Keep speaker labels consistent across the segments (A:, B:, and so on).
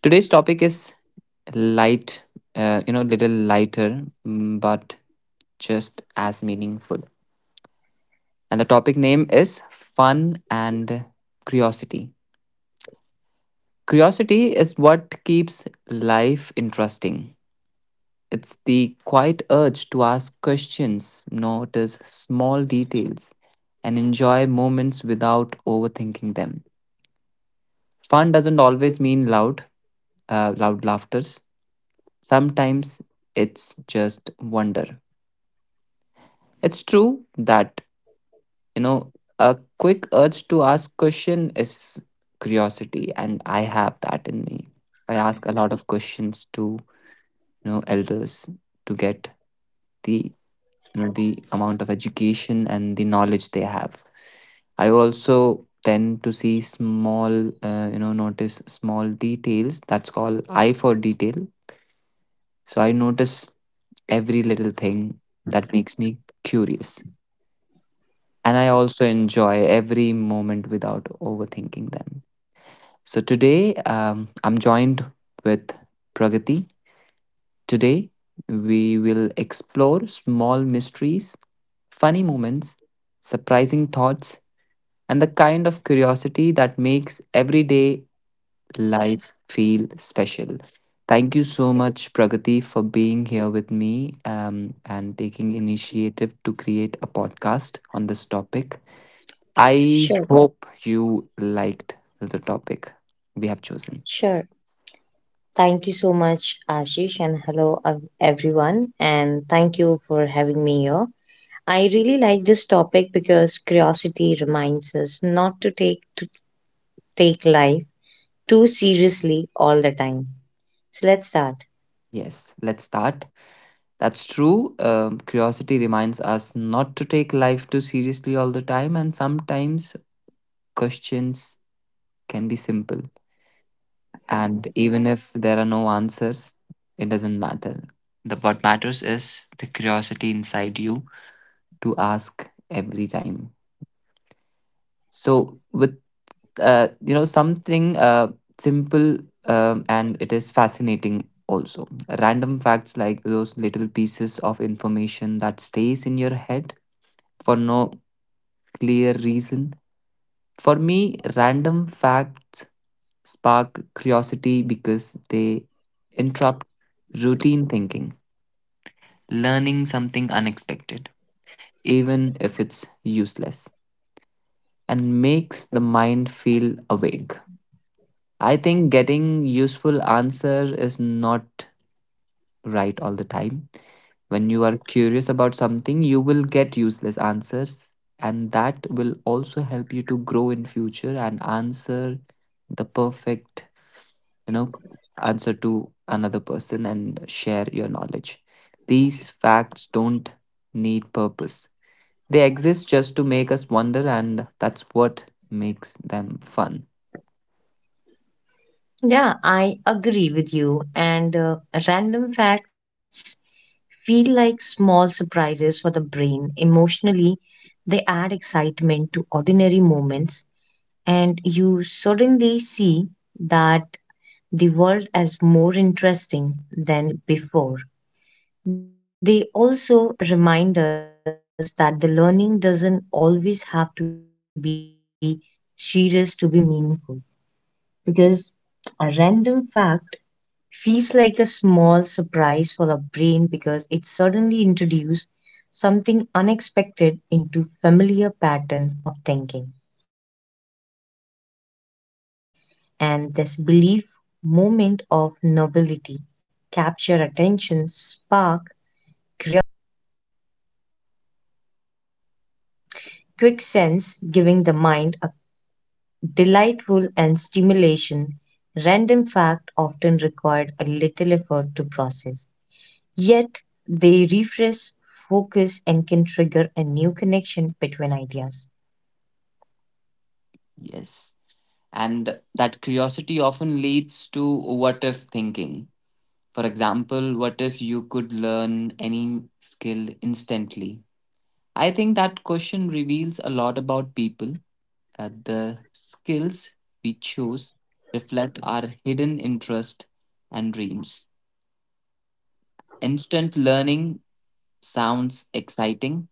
A: Today's topic is light, you know, little lighter, mm, but just as meaningful. And the topic name is fun and curiosity. Curiosity is what keeps life interesting. It's the quiet urge to ask questions, notice small details, and enjoy moments without overthinking them. Fun doesn't always mean loud, loud laughters. Sometimes it's just wonder. It's true that you know a quick urge to ask question is curiosity, and I have that in me. I ask a lot of questions to you know elders to get the the amount of education and the knowledge they have. I also tend to see small you know notice small details, that's called eye for detail. So I notice every little thing that makes me curious, and I also enjoy every moment without overthinking them. So today I'm joined with Pragati. Today we will explore small mysteries, funny moments, surprising thoughts, and the kind of curiosity that makes everyday life feel special. Thank you so much, Pragati, for being here with me and taking initiative to create a podcast on this topic. I
B: Sure,
A: hope you liked the topic we have chosen.
B: sure. Thank you so much, Ashish, and hello, everyone. And thank you for having me here. I really like this topic because curiosity reminds us not to take life too seriously all the time. So let's start.
A: Yes, let's start. That's true. Curiosity reminds us not to take life too seriously all the time, and sometimes questions can be simple. And even if there are no answers, it doesn't matter. The what matters is the curiosity inside you to ask every time. So, with you know something simple and it is fascinating also. Random facts like those little pieces of information that stays in your head for no clear reason. For me, random facts spark curiosity because they interrupt routine thinking, learning something unexpected, even if it's useless, and makes the mind feel awake. I think getting useful answer is not right all the time. When you are curious about something, you will get useless answers, and that will also help you to grow in future and answer the perfect, you know, answer to another person and share your knowledge. These facts don't need purpose. They exist just to make us wonder, and that's what makes them fun.
B: Yeah, I agree with you. And Random facts feel like small surprises for the brain. Emotionally, they add excitement to ordinary moments and you suddenly see that the world is more interesting than before. They also remind us that the learning doesn't always have to be serious to be meaningful, because a random fact feels like a small surprise for our brain because it suddenly introduces something unexpected into familiar pattern of thinking, and this belief moment of nobility capture attention, spark curiosity, giving the mind a quick sense, quick sense, giving the mind a delightful and stimulation. Random fact often required a little effort to process. Yet they refresh, focus, and can trigger a new connection between ideas.
A: Yes. And that curiosity often leads to what if thinking. For example, what if you could learn any skill instantly? I think that question reveals a lot about people. The skills we choose reflect our hidden interest and dreams. Instant learning sounds exciting,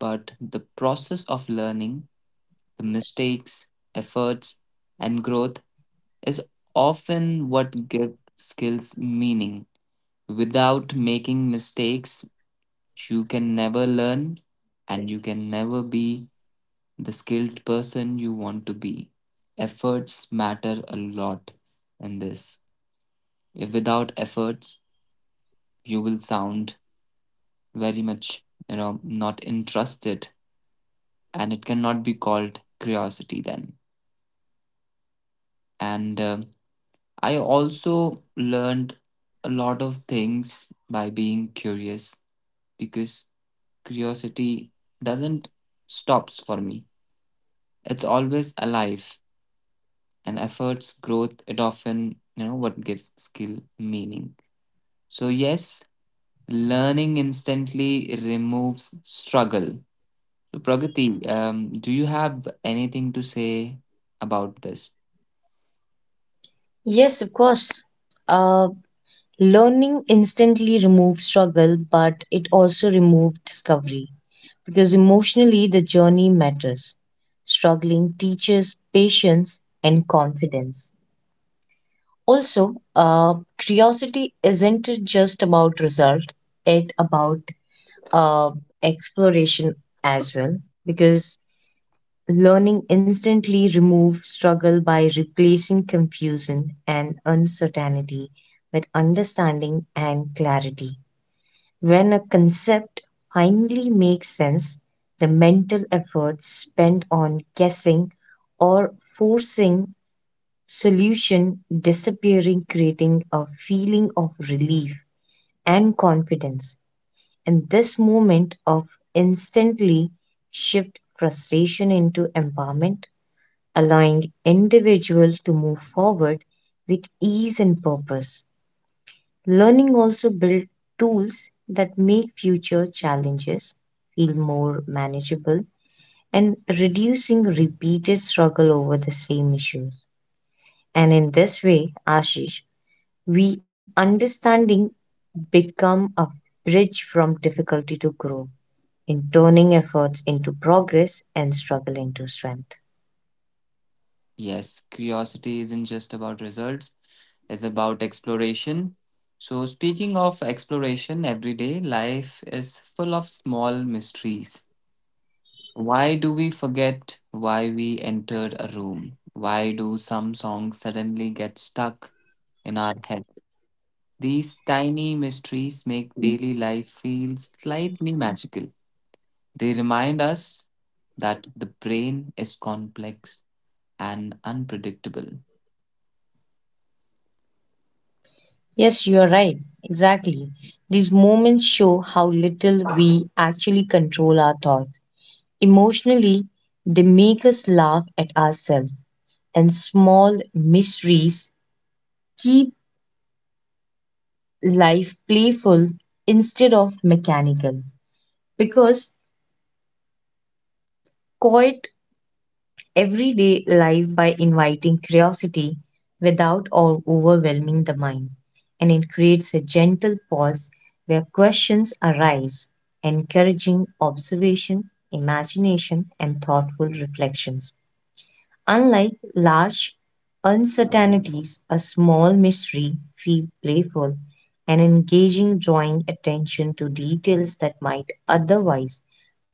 A: but the process of learning, the mistakes, efforts, and growth is often what gives skills meaning. Without making mistakes, you can never learn and you can never be the skilled person you want to be. Efforts matter a lot in this. If without efforts, you will sound very much, you know, not interested and it cannot be called curiosity then. And
B: Yeah.
A: I also learned a lot of things by being curious because curiosity doesn't stops for me. It's always alive, and efforts growth it often you know what gives skill meaning. So yes, learning instantly removes struggle. So Pragati, um, do you have anything to say about this?
B: Yes, of course. Uh, Learning instantly removed struggle, but it also removed discovery because emotionally the journey matters. Struggling teaches patience and confidence. Also, curiosity isn't just about result; it about uh, exploration as well. Because learning instantly removes struggle by replacing confusion and uncertainty with understanding and clarity. When a concept finally makes sense, the mental effort spent on guessing or forcing solution disappearing, creating a feeling of relief and confidence. And this moment of instantly shift frustration into empowerment, allowing individuals to move forward with ease and purpose. Learning also builds tools that make future challenges feel more manageable and reducing repeated struggle over the same issues. And in this way, Ashish, we understanding become a bridge from difficulty to growth in turning efforts into progress and struggle into strength.
A: Yes, curiosity isn't just about results, it's about exploration. So speaking of exploration, everyday life is full of small mysteries. Why do we forget why we entered a room? Why do some songs suddenly get stuck in our head? These tiny mysteries make daily life feel slightly magical. They remind us that the brain is complex and unpredictable.
B: Yes, you are right. Exactly. These moments show how little we actually control our thoughts. Emotionally, they make us laugh at ourselves, and small mysteries keep life playful instead of mechanical. Because quiet everyday life by inviting curiosity without or overwhelming the mind, and it creates a gentle pause where questions arise, encouraging observation, imagination, and thoughtful reflections. Unlike large uncertainties, a small mystery feels playful and engaging, drawing attention to details that might otherwise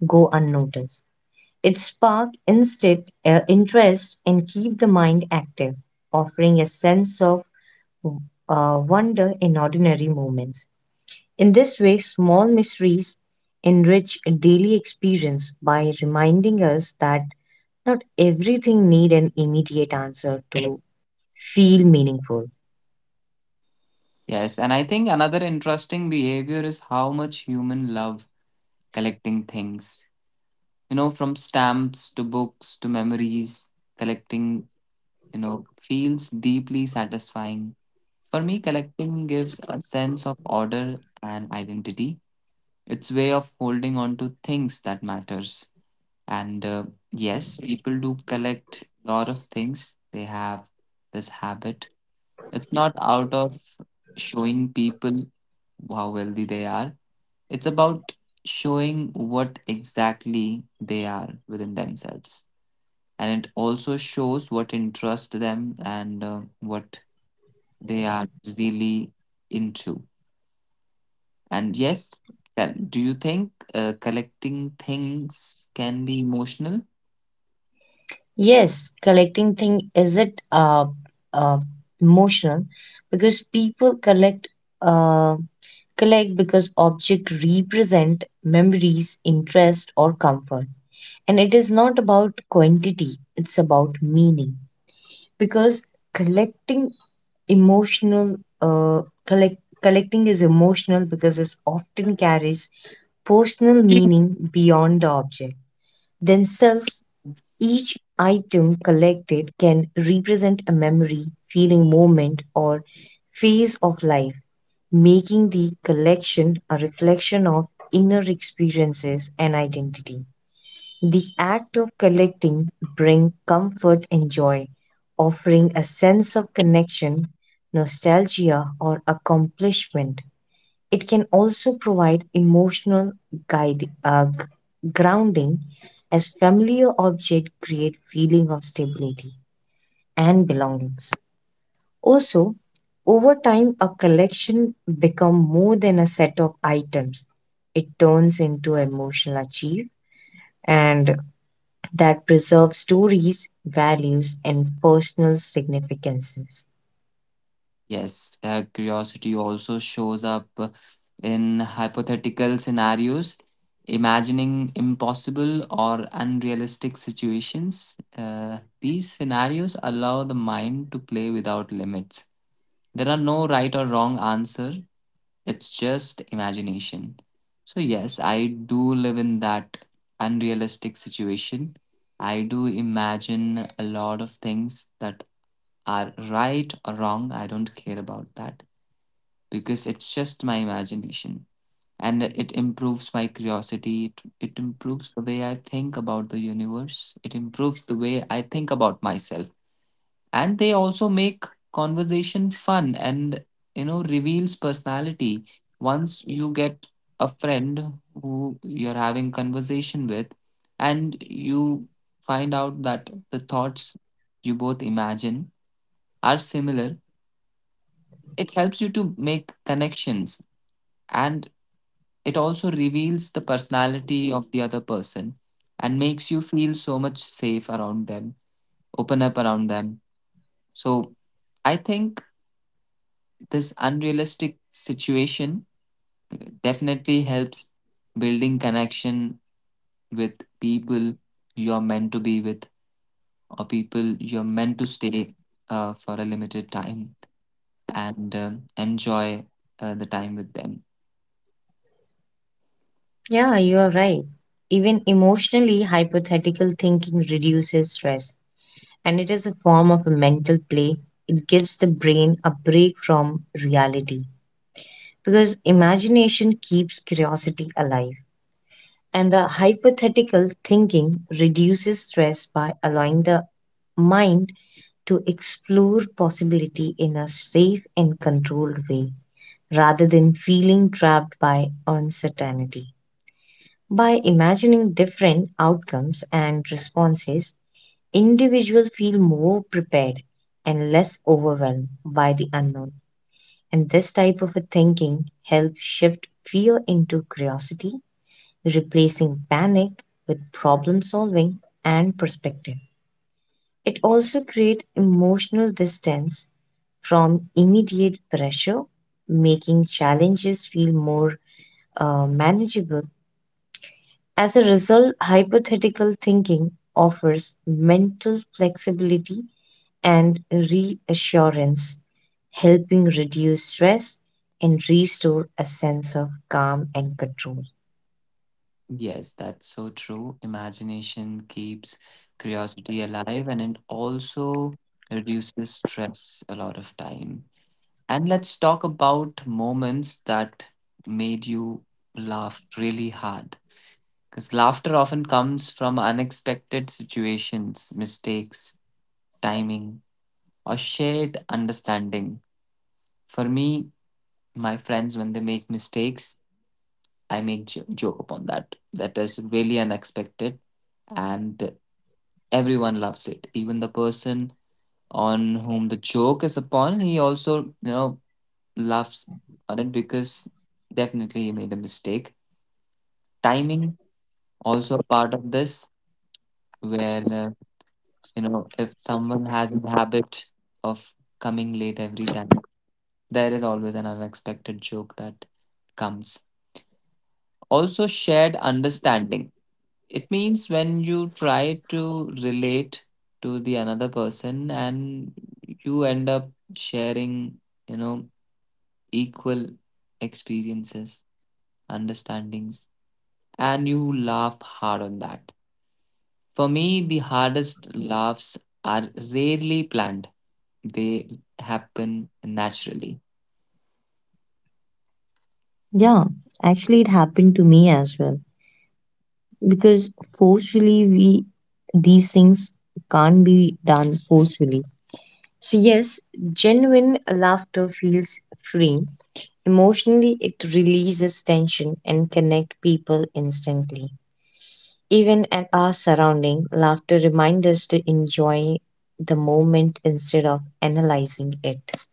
B: go unnoticed. It sparks instant interest and keep the mind active, offering a sense of wonder in ordinary moments. In this way, small mysteries enrich daily experience by reminding us that not everything need an immediate answer to feel meaningful.
A: Yes, and I think another interesting behavior is how much human love collecting things. You know, from stamps to books to memories, collecting you know, feels deeply satisfying. For me, collecting gives a sense of order and identity. It's way of holding on to things that matters. And yes, people do collect a lot of things. They have this habit. It's not out of showing people how wealthy they are. It's about showing what exactly they are within themselves. And it also shows what interests them and what they are really into. And yes, do you think collecting things can be emotional?
B: Yes, collecting thing is it uh emotional because people uh collect because object represent memories, interest or comfort. And it is not about quantity, it's about meaning. Because collecting collecting is emotional because it often carries personal meaning beyond the object themselves. Each item collected can represent a memory, feeling, moment or phase of life, making the collection a reflection of inner experiences and identity. The act of collecting brings comfort and joy, offering a sense of connection, nostalgia, or accomplishment. It can also provide emotional guide, uh, g- grounding as familiar objects create feeling of stability and belongings. Also, over time, a collection becomes more than a set of items. It turns into emotional achieve and that preserve stories, values, and personal significances.
A: Yes, curiosity also shows up in hypothetical scenarios, imagining impossible or unrealistic situations. These scenarios allow the mind to play without limits. There are no right or wrong answer. It's just imagination. So, yes, I do live in that unrealistic situation. I do imagine a lot of things that are right or wrong. I don't care about that because it's just my imagination and it improves my curiosity. It improves the way I think about the universe. It improves the way I think about myself, and they also make conversation fun and you know reveals personality. Once you get a friend who you're having conversation with, and you find out that the thoughts you both imagine are similar, it helps you to make connections, and it also reveals the personality of the other person and makes you feel so much safe around them, open up around them. So I think this unrealistic situation definitely helps building connection with people you're meant to be with, or people you're meant to stay for a limited time and enjoy the time with them.
B: Yeah, you are right. Even emotionally, hypothetical thinking reduces stress, and it is a form of a mental play. It gives the brain a break from reality because imagination keeps curiosity alive. And the hypothetical thinking reduces stress by allowing the mind to explore possibility in a safe and controlled way, rather than feeling trapped by uncertainty. By imagining different outcomes and responses, individuals feel more prepared and less overwhelmed by the unknown. And this type of a thinking helps shift fear into curiosity, replacing panic with problem solving and perspective. It also creates emotional distance from immediate pressure, making challenges feel more manageable. As a result, hypothetical thinking offers mental flexibility and reassurance, helping reduce stress and restore a sense of calm and control.
A: Yes, that's so true. Imagination keeps curiosity alive, and it also reduces stress a lot of time. And let's talk about moments that made you laugh really hard. Because laughter often comes from unexpected situations, mistakes, timing, or shared understanding. For me, my friends, when they make mistakes, I make joke upon that. That is really unexpected, and everyone loves it. Even the person on whom the joke is upon, he also you know laughs on it, because definitely he made a mistake. Timing also a part of this, where you know, if someone has a habit of coming late every time, there is always an unexpected joke that comes. Also, shared understanding. It means when you try to relate to the another person and you end up sharing, you know, equal experiences, understandings, and you laugh hard on that. For me, the hardest laughs are rarely planned, they happen naturally.
B: Yeah, actually, it happened to me as well because forcefully, we these things can't be done forcefully. So, yes, genuine laughter feels free. Emotionally, it releases tension and connect people instantly. Even at our surrounding, laughter reminds us to enjoy the moment instead of analyzing it.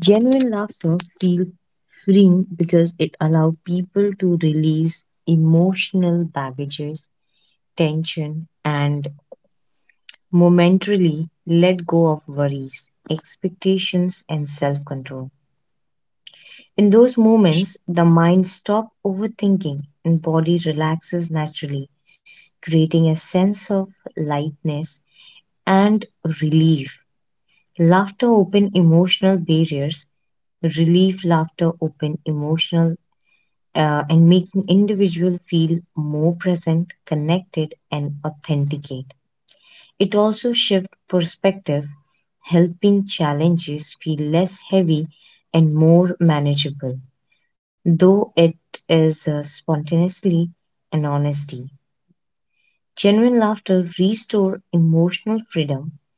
B: Genuine laughter feels freeing because it allows people to release emotional baggages, tension, and momentarily let go of worries, expectations, and self control. In those moments, the mind stops overthinking and body relaxes naturally, creating a sense of lightness and relief. Laughter open emotional barriers, Laughter open emotional and making individual feel more present, connected and authenticate. It also shifts perspective, helping challenges feel less heavy and more manageable, though it is spontaneously and honesty. Genuine laughter restores emotional freedom,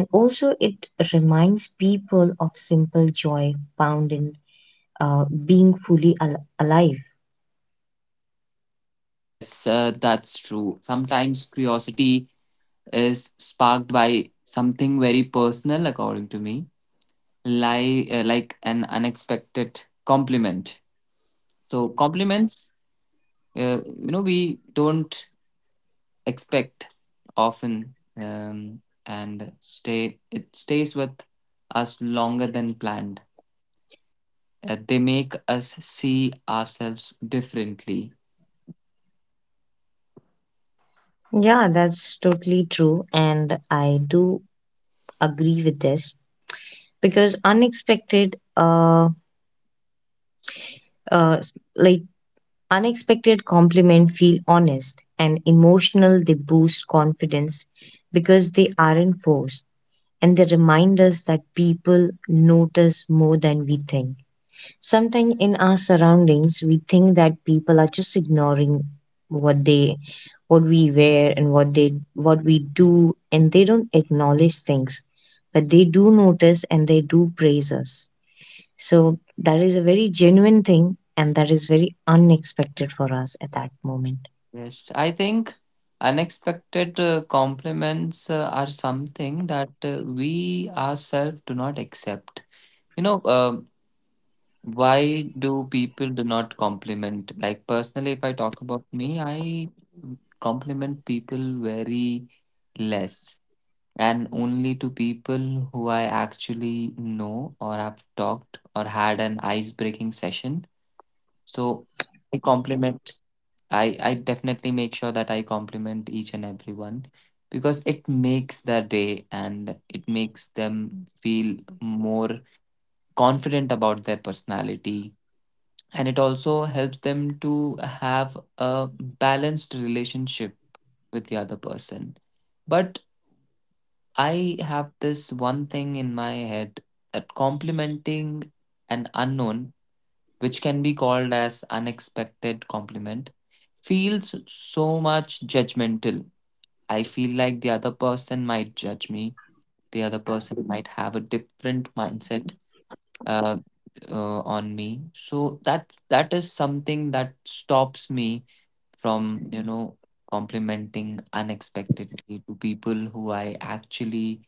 B: and also it reminds people of simple joy found in being fully alive.
A: Yes, that's true. Sometimes curiosity is sparked by something very personal, according to me, like an unexpected compliment. So compliments, you know, we don't expect often, and stay it stays with us longer than planned. They make us see ourselves differently.
B: Yeah, that's totally true, and I do agree with this because uh, like unexpected compliment feel honest and emotional. They boost confidence because they aren't forced, and they remind us that people notice more than we think. Sometimes in our surroundings we think that people are just ignoring what they what we wear and what they what we do, and they don't acknowledge things, but they do notice and they do praise us, so that is a very genuine thing and that is very unexpected for us at that moment.
A: Yes, I think unexpected compliments are something that we ourselves do not accept. You know, why do people do not compliment? Like personally, if I talk about me, I compliment people very less, and only to people who I actually know or have talked or had an ice breaking session. So I compliment I definitely make sure that I compliment each and everyone, because it makes their day and it makes them feel more confident about their personality, and it also helps them to have a balanced relationship with the other person. But I have this one thing in my head that complimenting an unknown, which can be called as unexpected compliment, feels so much judgmental. I feel like the other person might judge me. The other person might have a different mindset uh, on me. So that is something that stops me from you know complimenting unexpectedly to people who I actually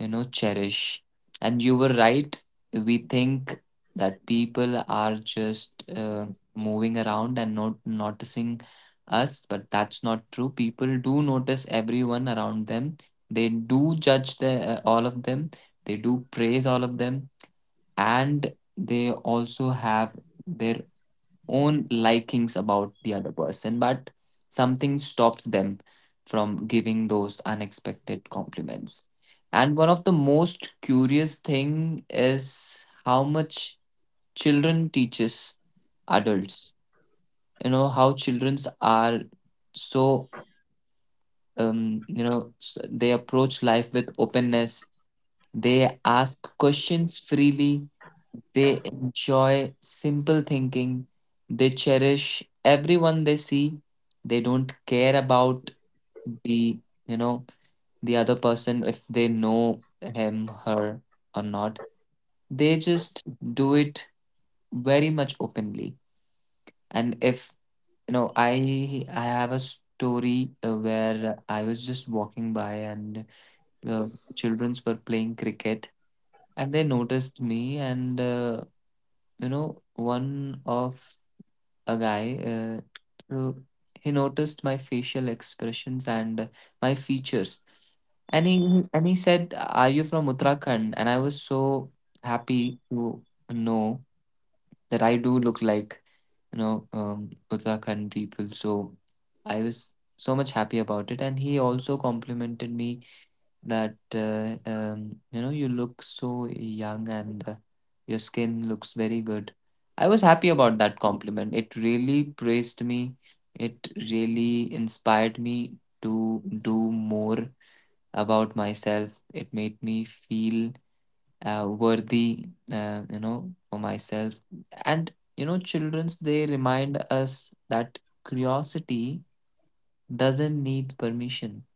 A: you know cherish. And you were right. We think that people are just moving around and not noticing us, but that's not true. People do notice everyone around them. They do judge the, all of them. They do praise all of them, and they also have their own likings about the other person, but something stops them from giving those unexpected compliments. And one of the most curious thing is how much children teaches adults. You know how childrens are so you know they approach life with openness. They ask questions freely, they enjoy simple thinking. They cherish everyone they see. They don't care about the, you know, the other person if they know him, her or not. They just do it very much openly. And if, you know, I have a story where I was just walking by and uh, childrens were playing cricket and they noticed me and you know one of a guy uh, who- he noticed my facial expressions and my features, and he and he said, are you from Uttarakhand? And I was so happy to know that I do look like you know Uttarakhand people. So I was so much happy about it, and he also complimented me that you know, you look so young and your skin looks very good. I was happy about that compliment. It really praised me. It really inspired me to do more about myself. It made me feel worthy, you know, for myself. And you know, childrens they remind us that curiosity doesn't need permission.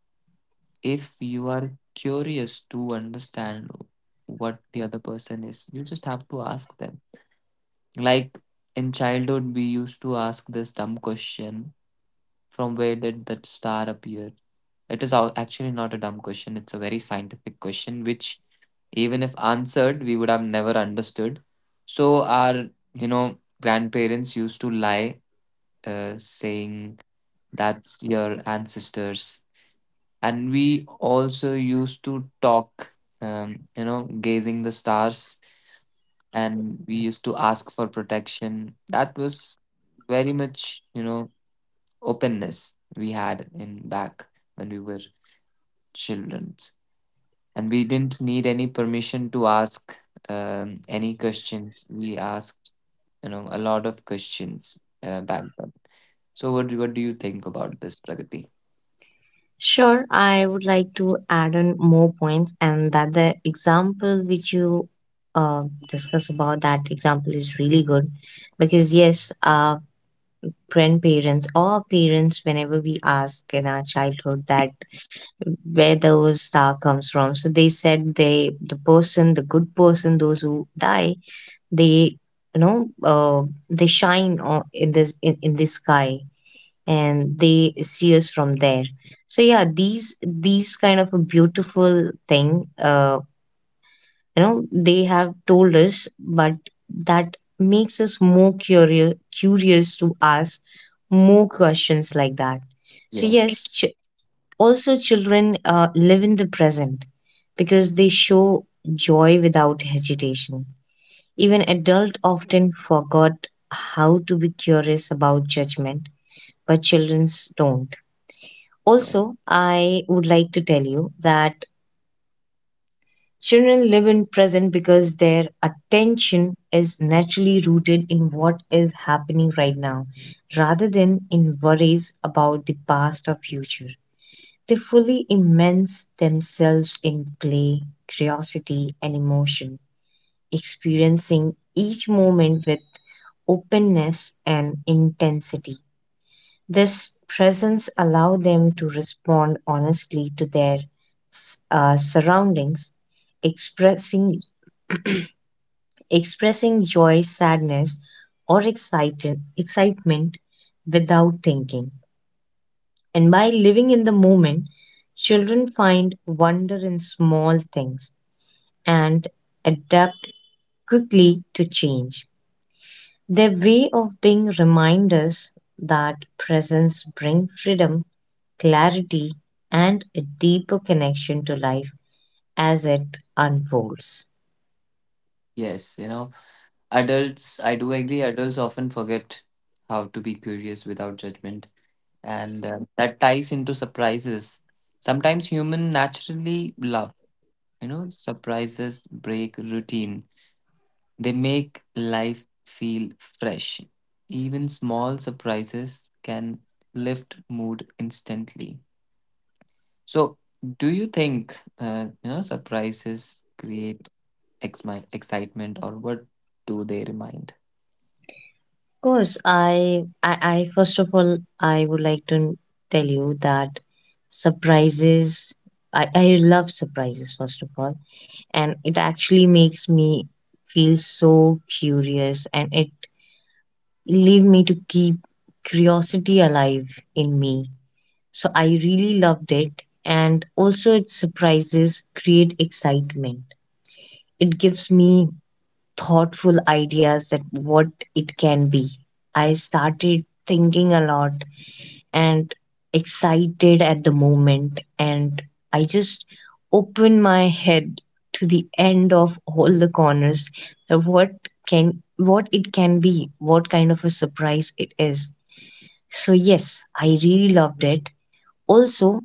A: If you are curious to understand what the other person is, you just have to ask them. Like in childhood, we used to ask this dumb question, from where did that star appear? It is actually not a dumb question, it's a very scientific question, which even if answered, we would have never understood. So, our you know, grandparents used to lie, saying that's your ancestors. And we also used to talk you know gazing the stars, and we used to ask for protection. That was very much you know openness we had in back when we were children, and we didn't need any permission to ask any questions. We asked you know a lot of questions back then. So what, what do you think about this, Pragati?
B: Sure, I would like to add on more points, and that the example which you discuss about, that example is really good because, yes, our grandparents or parents, whenever we ask in our childhood that where those star comes from, so they said they the person, the good person, those who die, they you know uh, they in in the sky and they see us from there. So yeah, these kind of a beautiful thing, you know, they have told us, but that makes us more curious to ask more questions like that. So
A: Yes.
B: yes, also children live in the present because they show joy without hesitation. Even adults often forgot how to be curious about judgment, but children don't. Also, I would like to tell you that children live in present because their attention is naturally rooted in what is happening right now rather than in worries about the past or future. They fully immerse themselves in play, curiosity, and emotion, experiencing each moment with openness and intensity. This presence allows them to respond honestly to their surroundings, expressing expressing joy, sadness, or excitement without thinking. And by living in the moment, children find wonder in small things and adapt quickly to change. Their way of being remind us that presence brings freedom, clarity, and a deeper connection to life as it unfolds.
A: Yes, you know, adults, I do agree, adults often forget how to be curious without judgment, and that ties into surprises. Sometimes human naturally love, you know, surprises break routine. They make life feel fresh. Even small surprises can lift mood instantly. So, do you think, you know, surprises create ex- excitement, or what do they remind?
B: Of course, I first of all, I would like to tell you that surprises, I love surprises, first of all, and it actually makes me feel so curious, and it leave me to keep curiosity alive in me. So I really loved it. And also, its surprises create excitement. It gives me thoughtful ideas that what it can be. I started thinking a lot and excited at the moment. And I just opened my head to the end of all the corners of what it can be, what kind of a surprise it is. So yes, I really loved it. Also,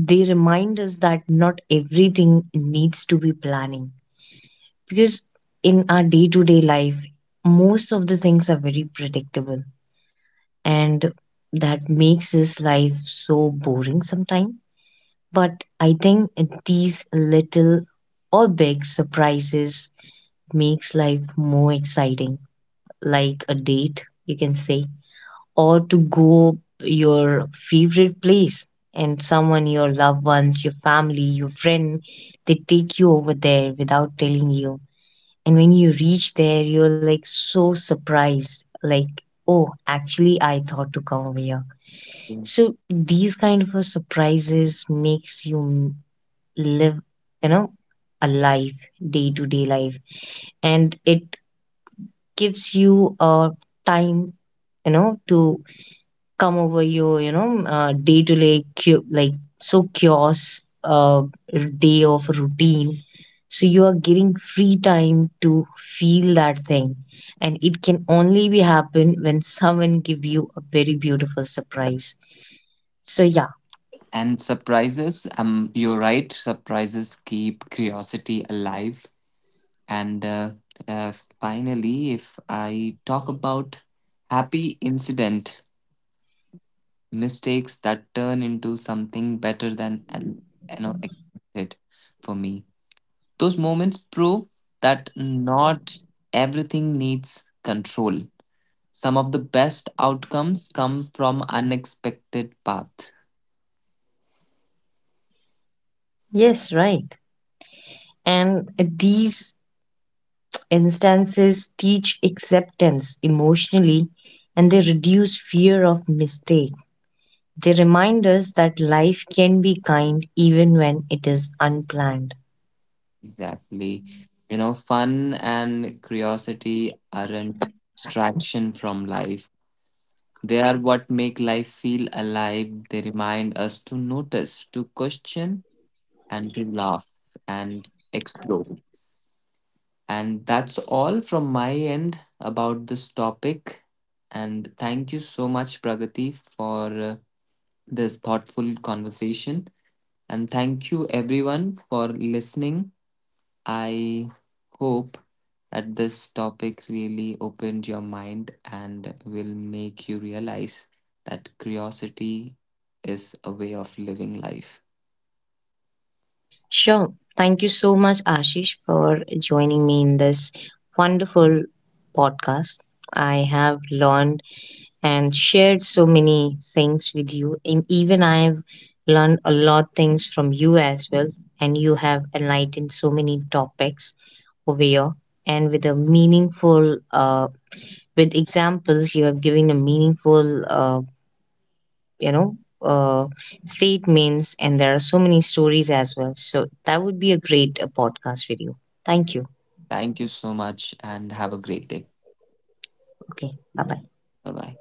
B: they remind us that not everything needs to be planning, because in our day to day life, most of the things are very predictable, and that makes this life so boring sometimes. But I think these little or big surprises makes life more exciting, like a date, you can say, or to go your favorite place, and someone, your loved ones, your family, your friend, they take you over there without telling you, and when you reach there you're like so surprised, like, oh, actually I thought to come over here.
A: Yes.
B: So these kind of a surprises makes you live, you know, a life, day to day life, and it gives you a time, you know, to come over you, you know, day to day, so chaos, day of routine. So you are getting free time to feel that thing, and it can only be happen when someone give you a very beautiful surprise. So yeah,
A: And surprises, you're right, surprises keep curiosity alive. And uh, finally, if I talk about happy incident, mistakes that turn into something better than and you know expected for me. Those moments prove that not everything needs control. Some of the best outcomes come from unexpected paths.
B: yes, right. And these instances teach acceptance emotionally, and they reduce fear of mistake. They remind us that life can be kind even when it is unplanned.
A: Exactly. You know, fun and curiosity aren't distraction from life. They are what make life feel alive. They remind us to notice, to question, and to laugh and explore. And that's all from my end about this topic. And thank you so much, Pragati, for this thoughtful conversation. And thank you, everyone, for listening. I hope that this topic really opened your mind and will make you realize that curiosity is a way of living life.
B: Sure. Thank you so much, Ashish, for joining me in this wonderful podcast. I have learned and shared so many things with you, and even I've learned a lot things from you as well. And you have enlightened so many topics over here, and with a meaningful, with examples, you have given a meaningful. You know, uh, statements, and there are so many stories as well, so that would be a great podcast video. Thank you.
A: Thank you so much and have a great day.
B: Okay, bye bye.
A: Bye bye.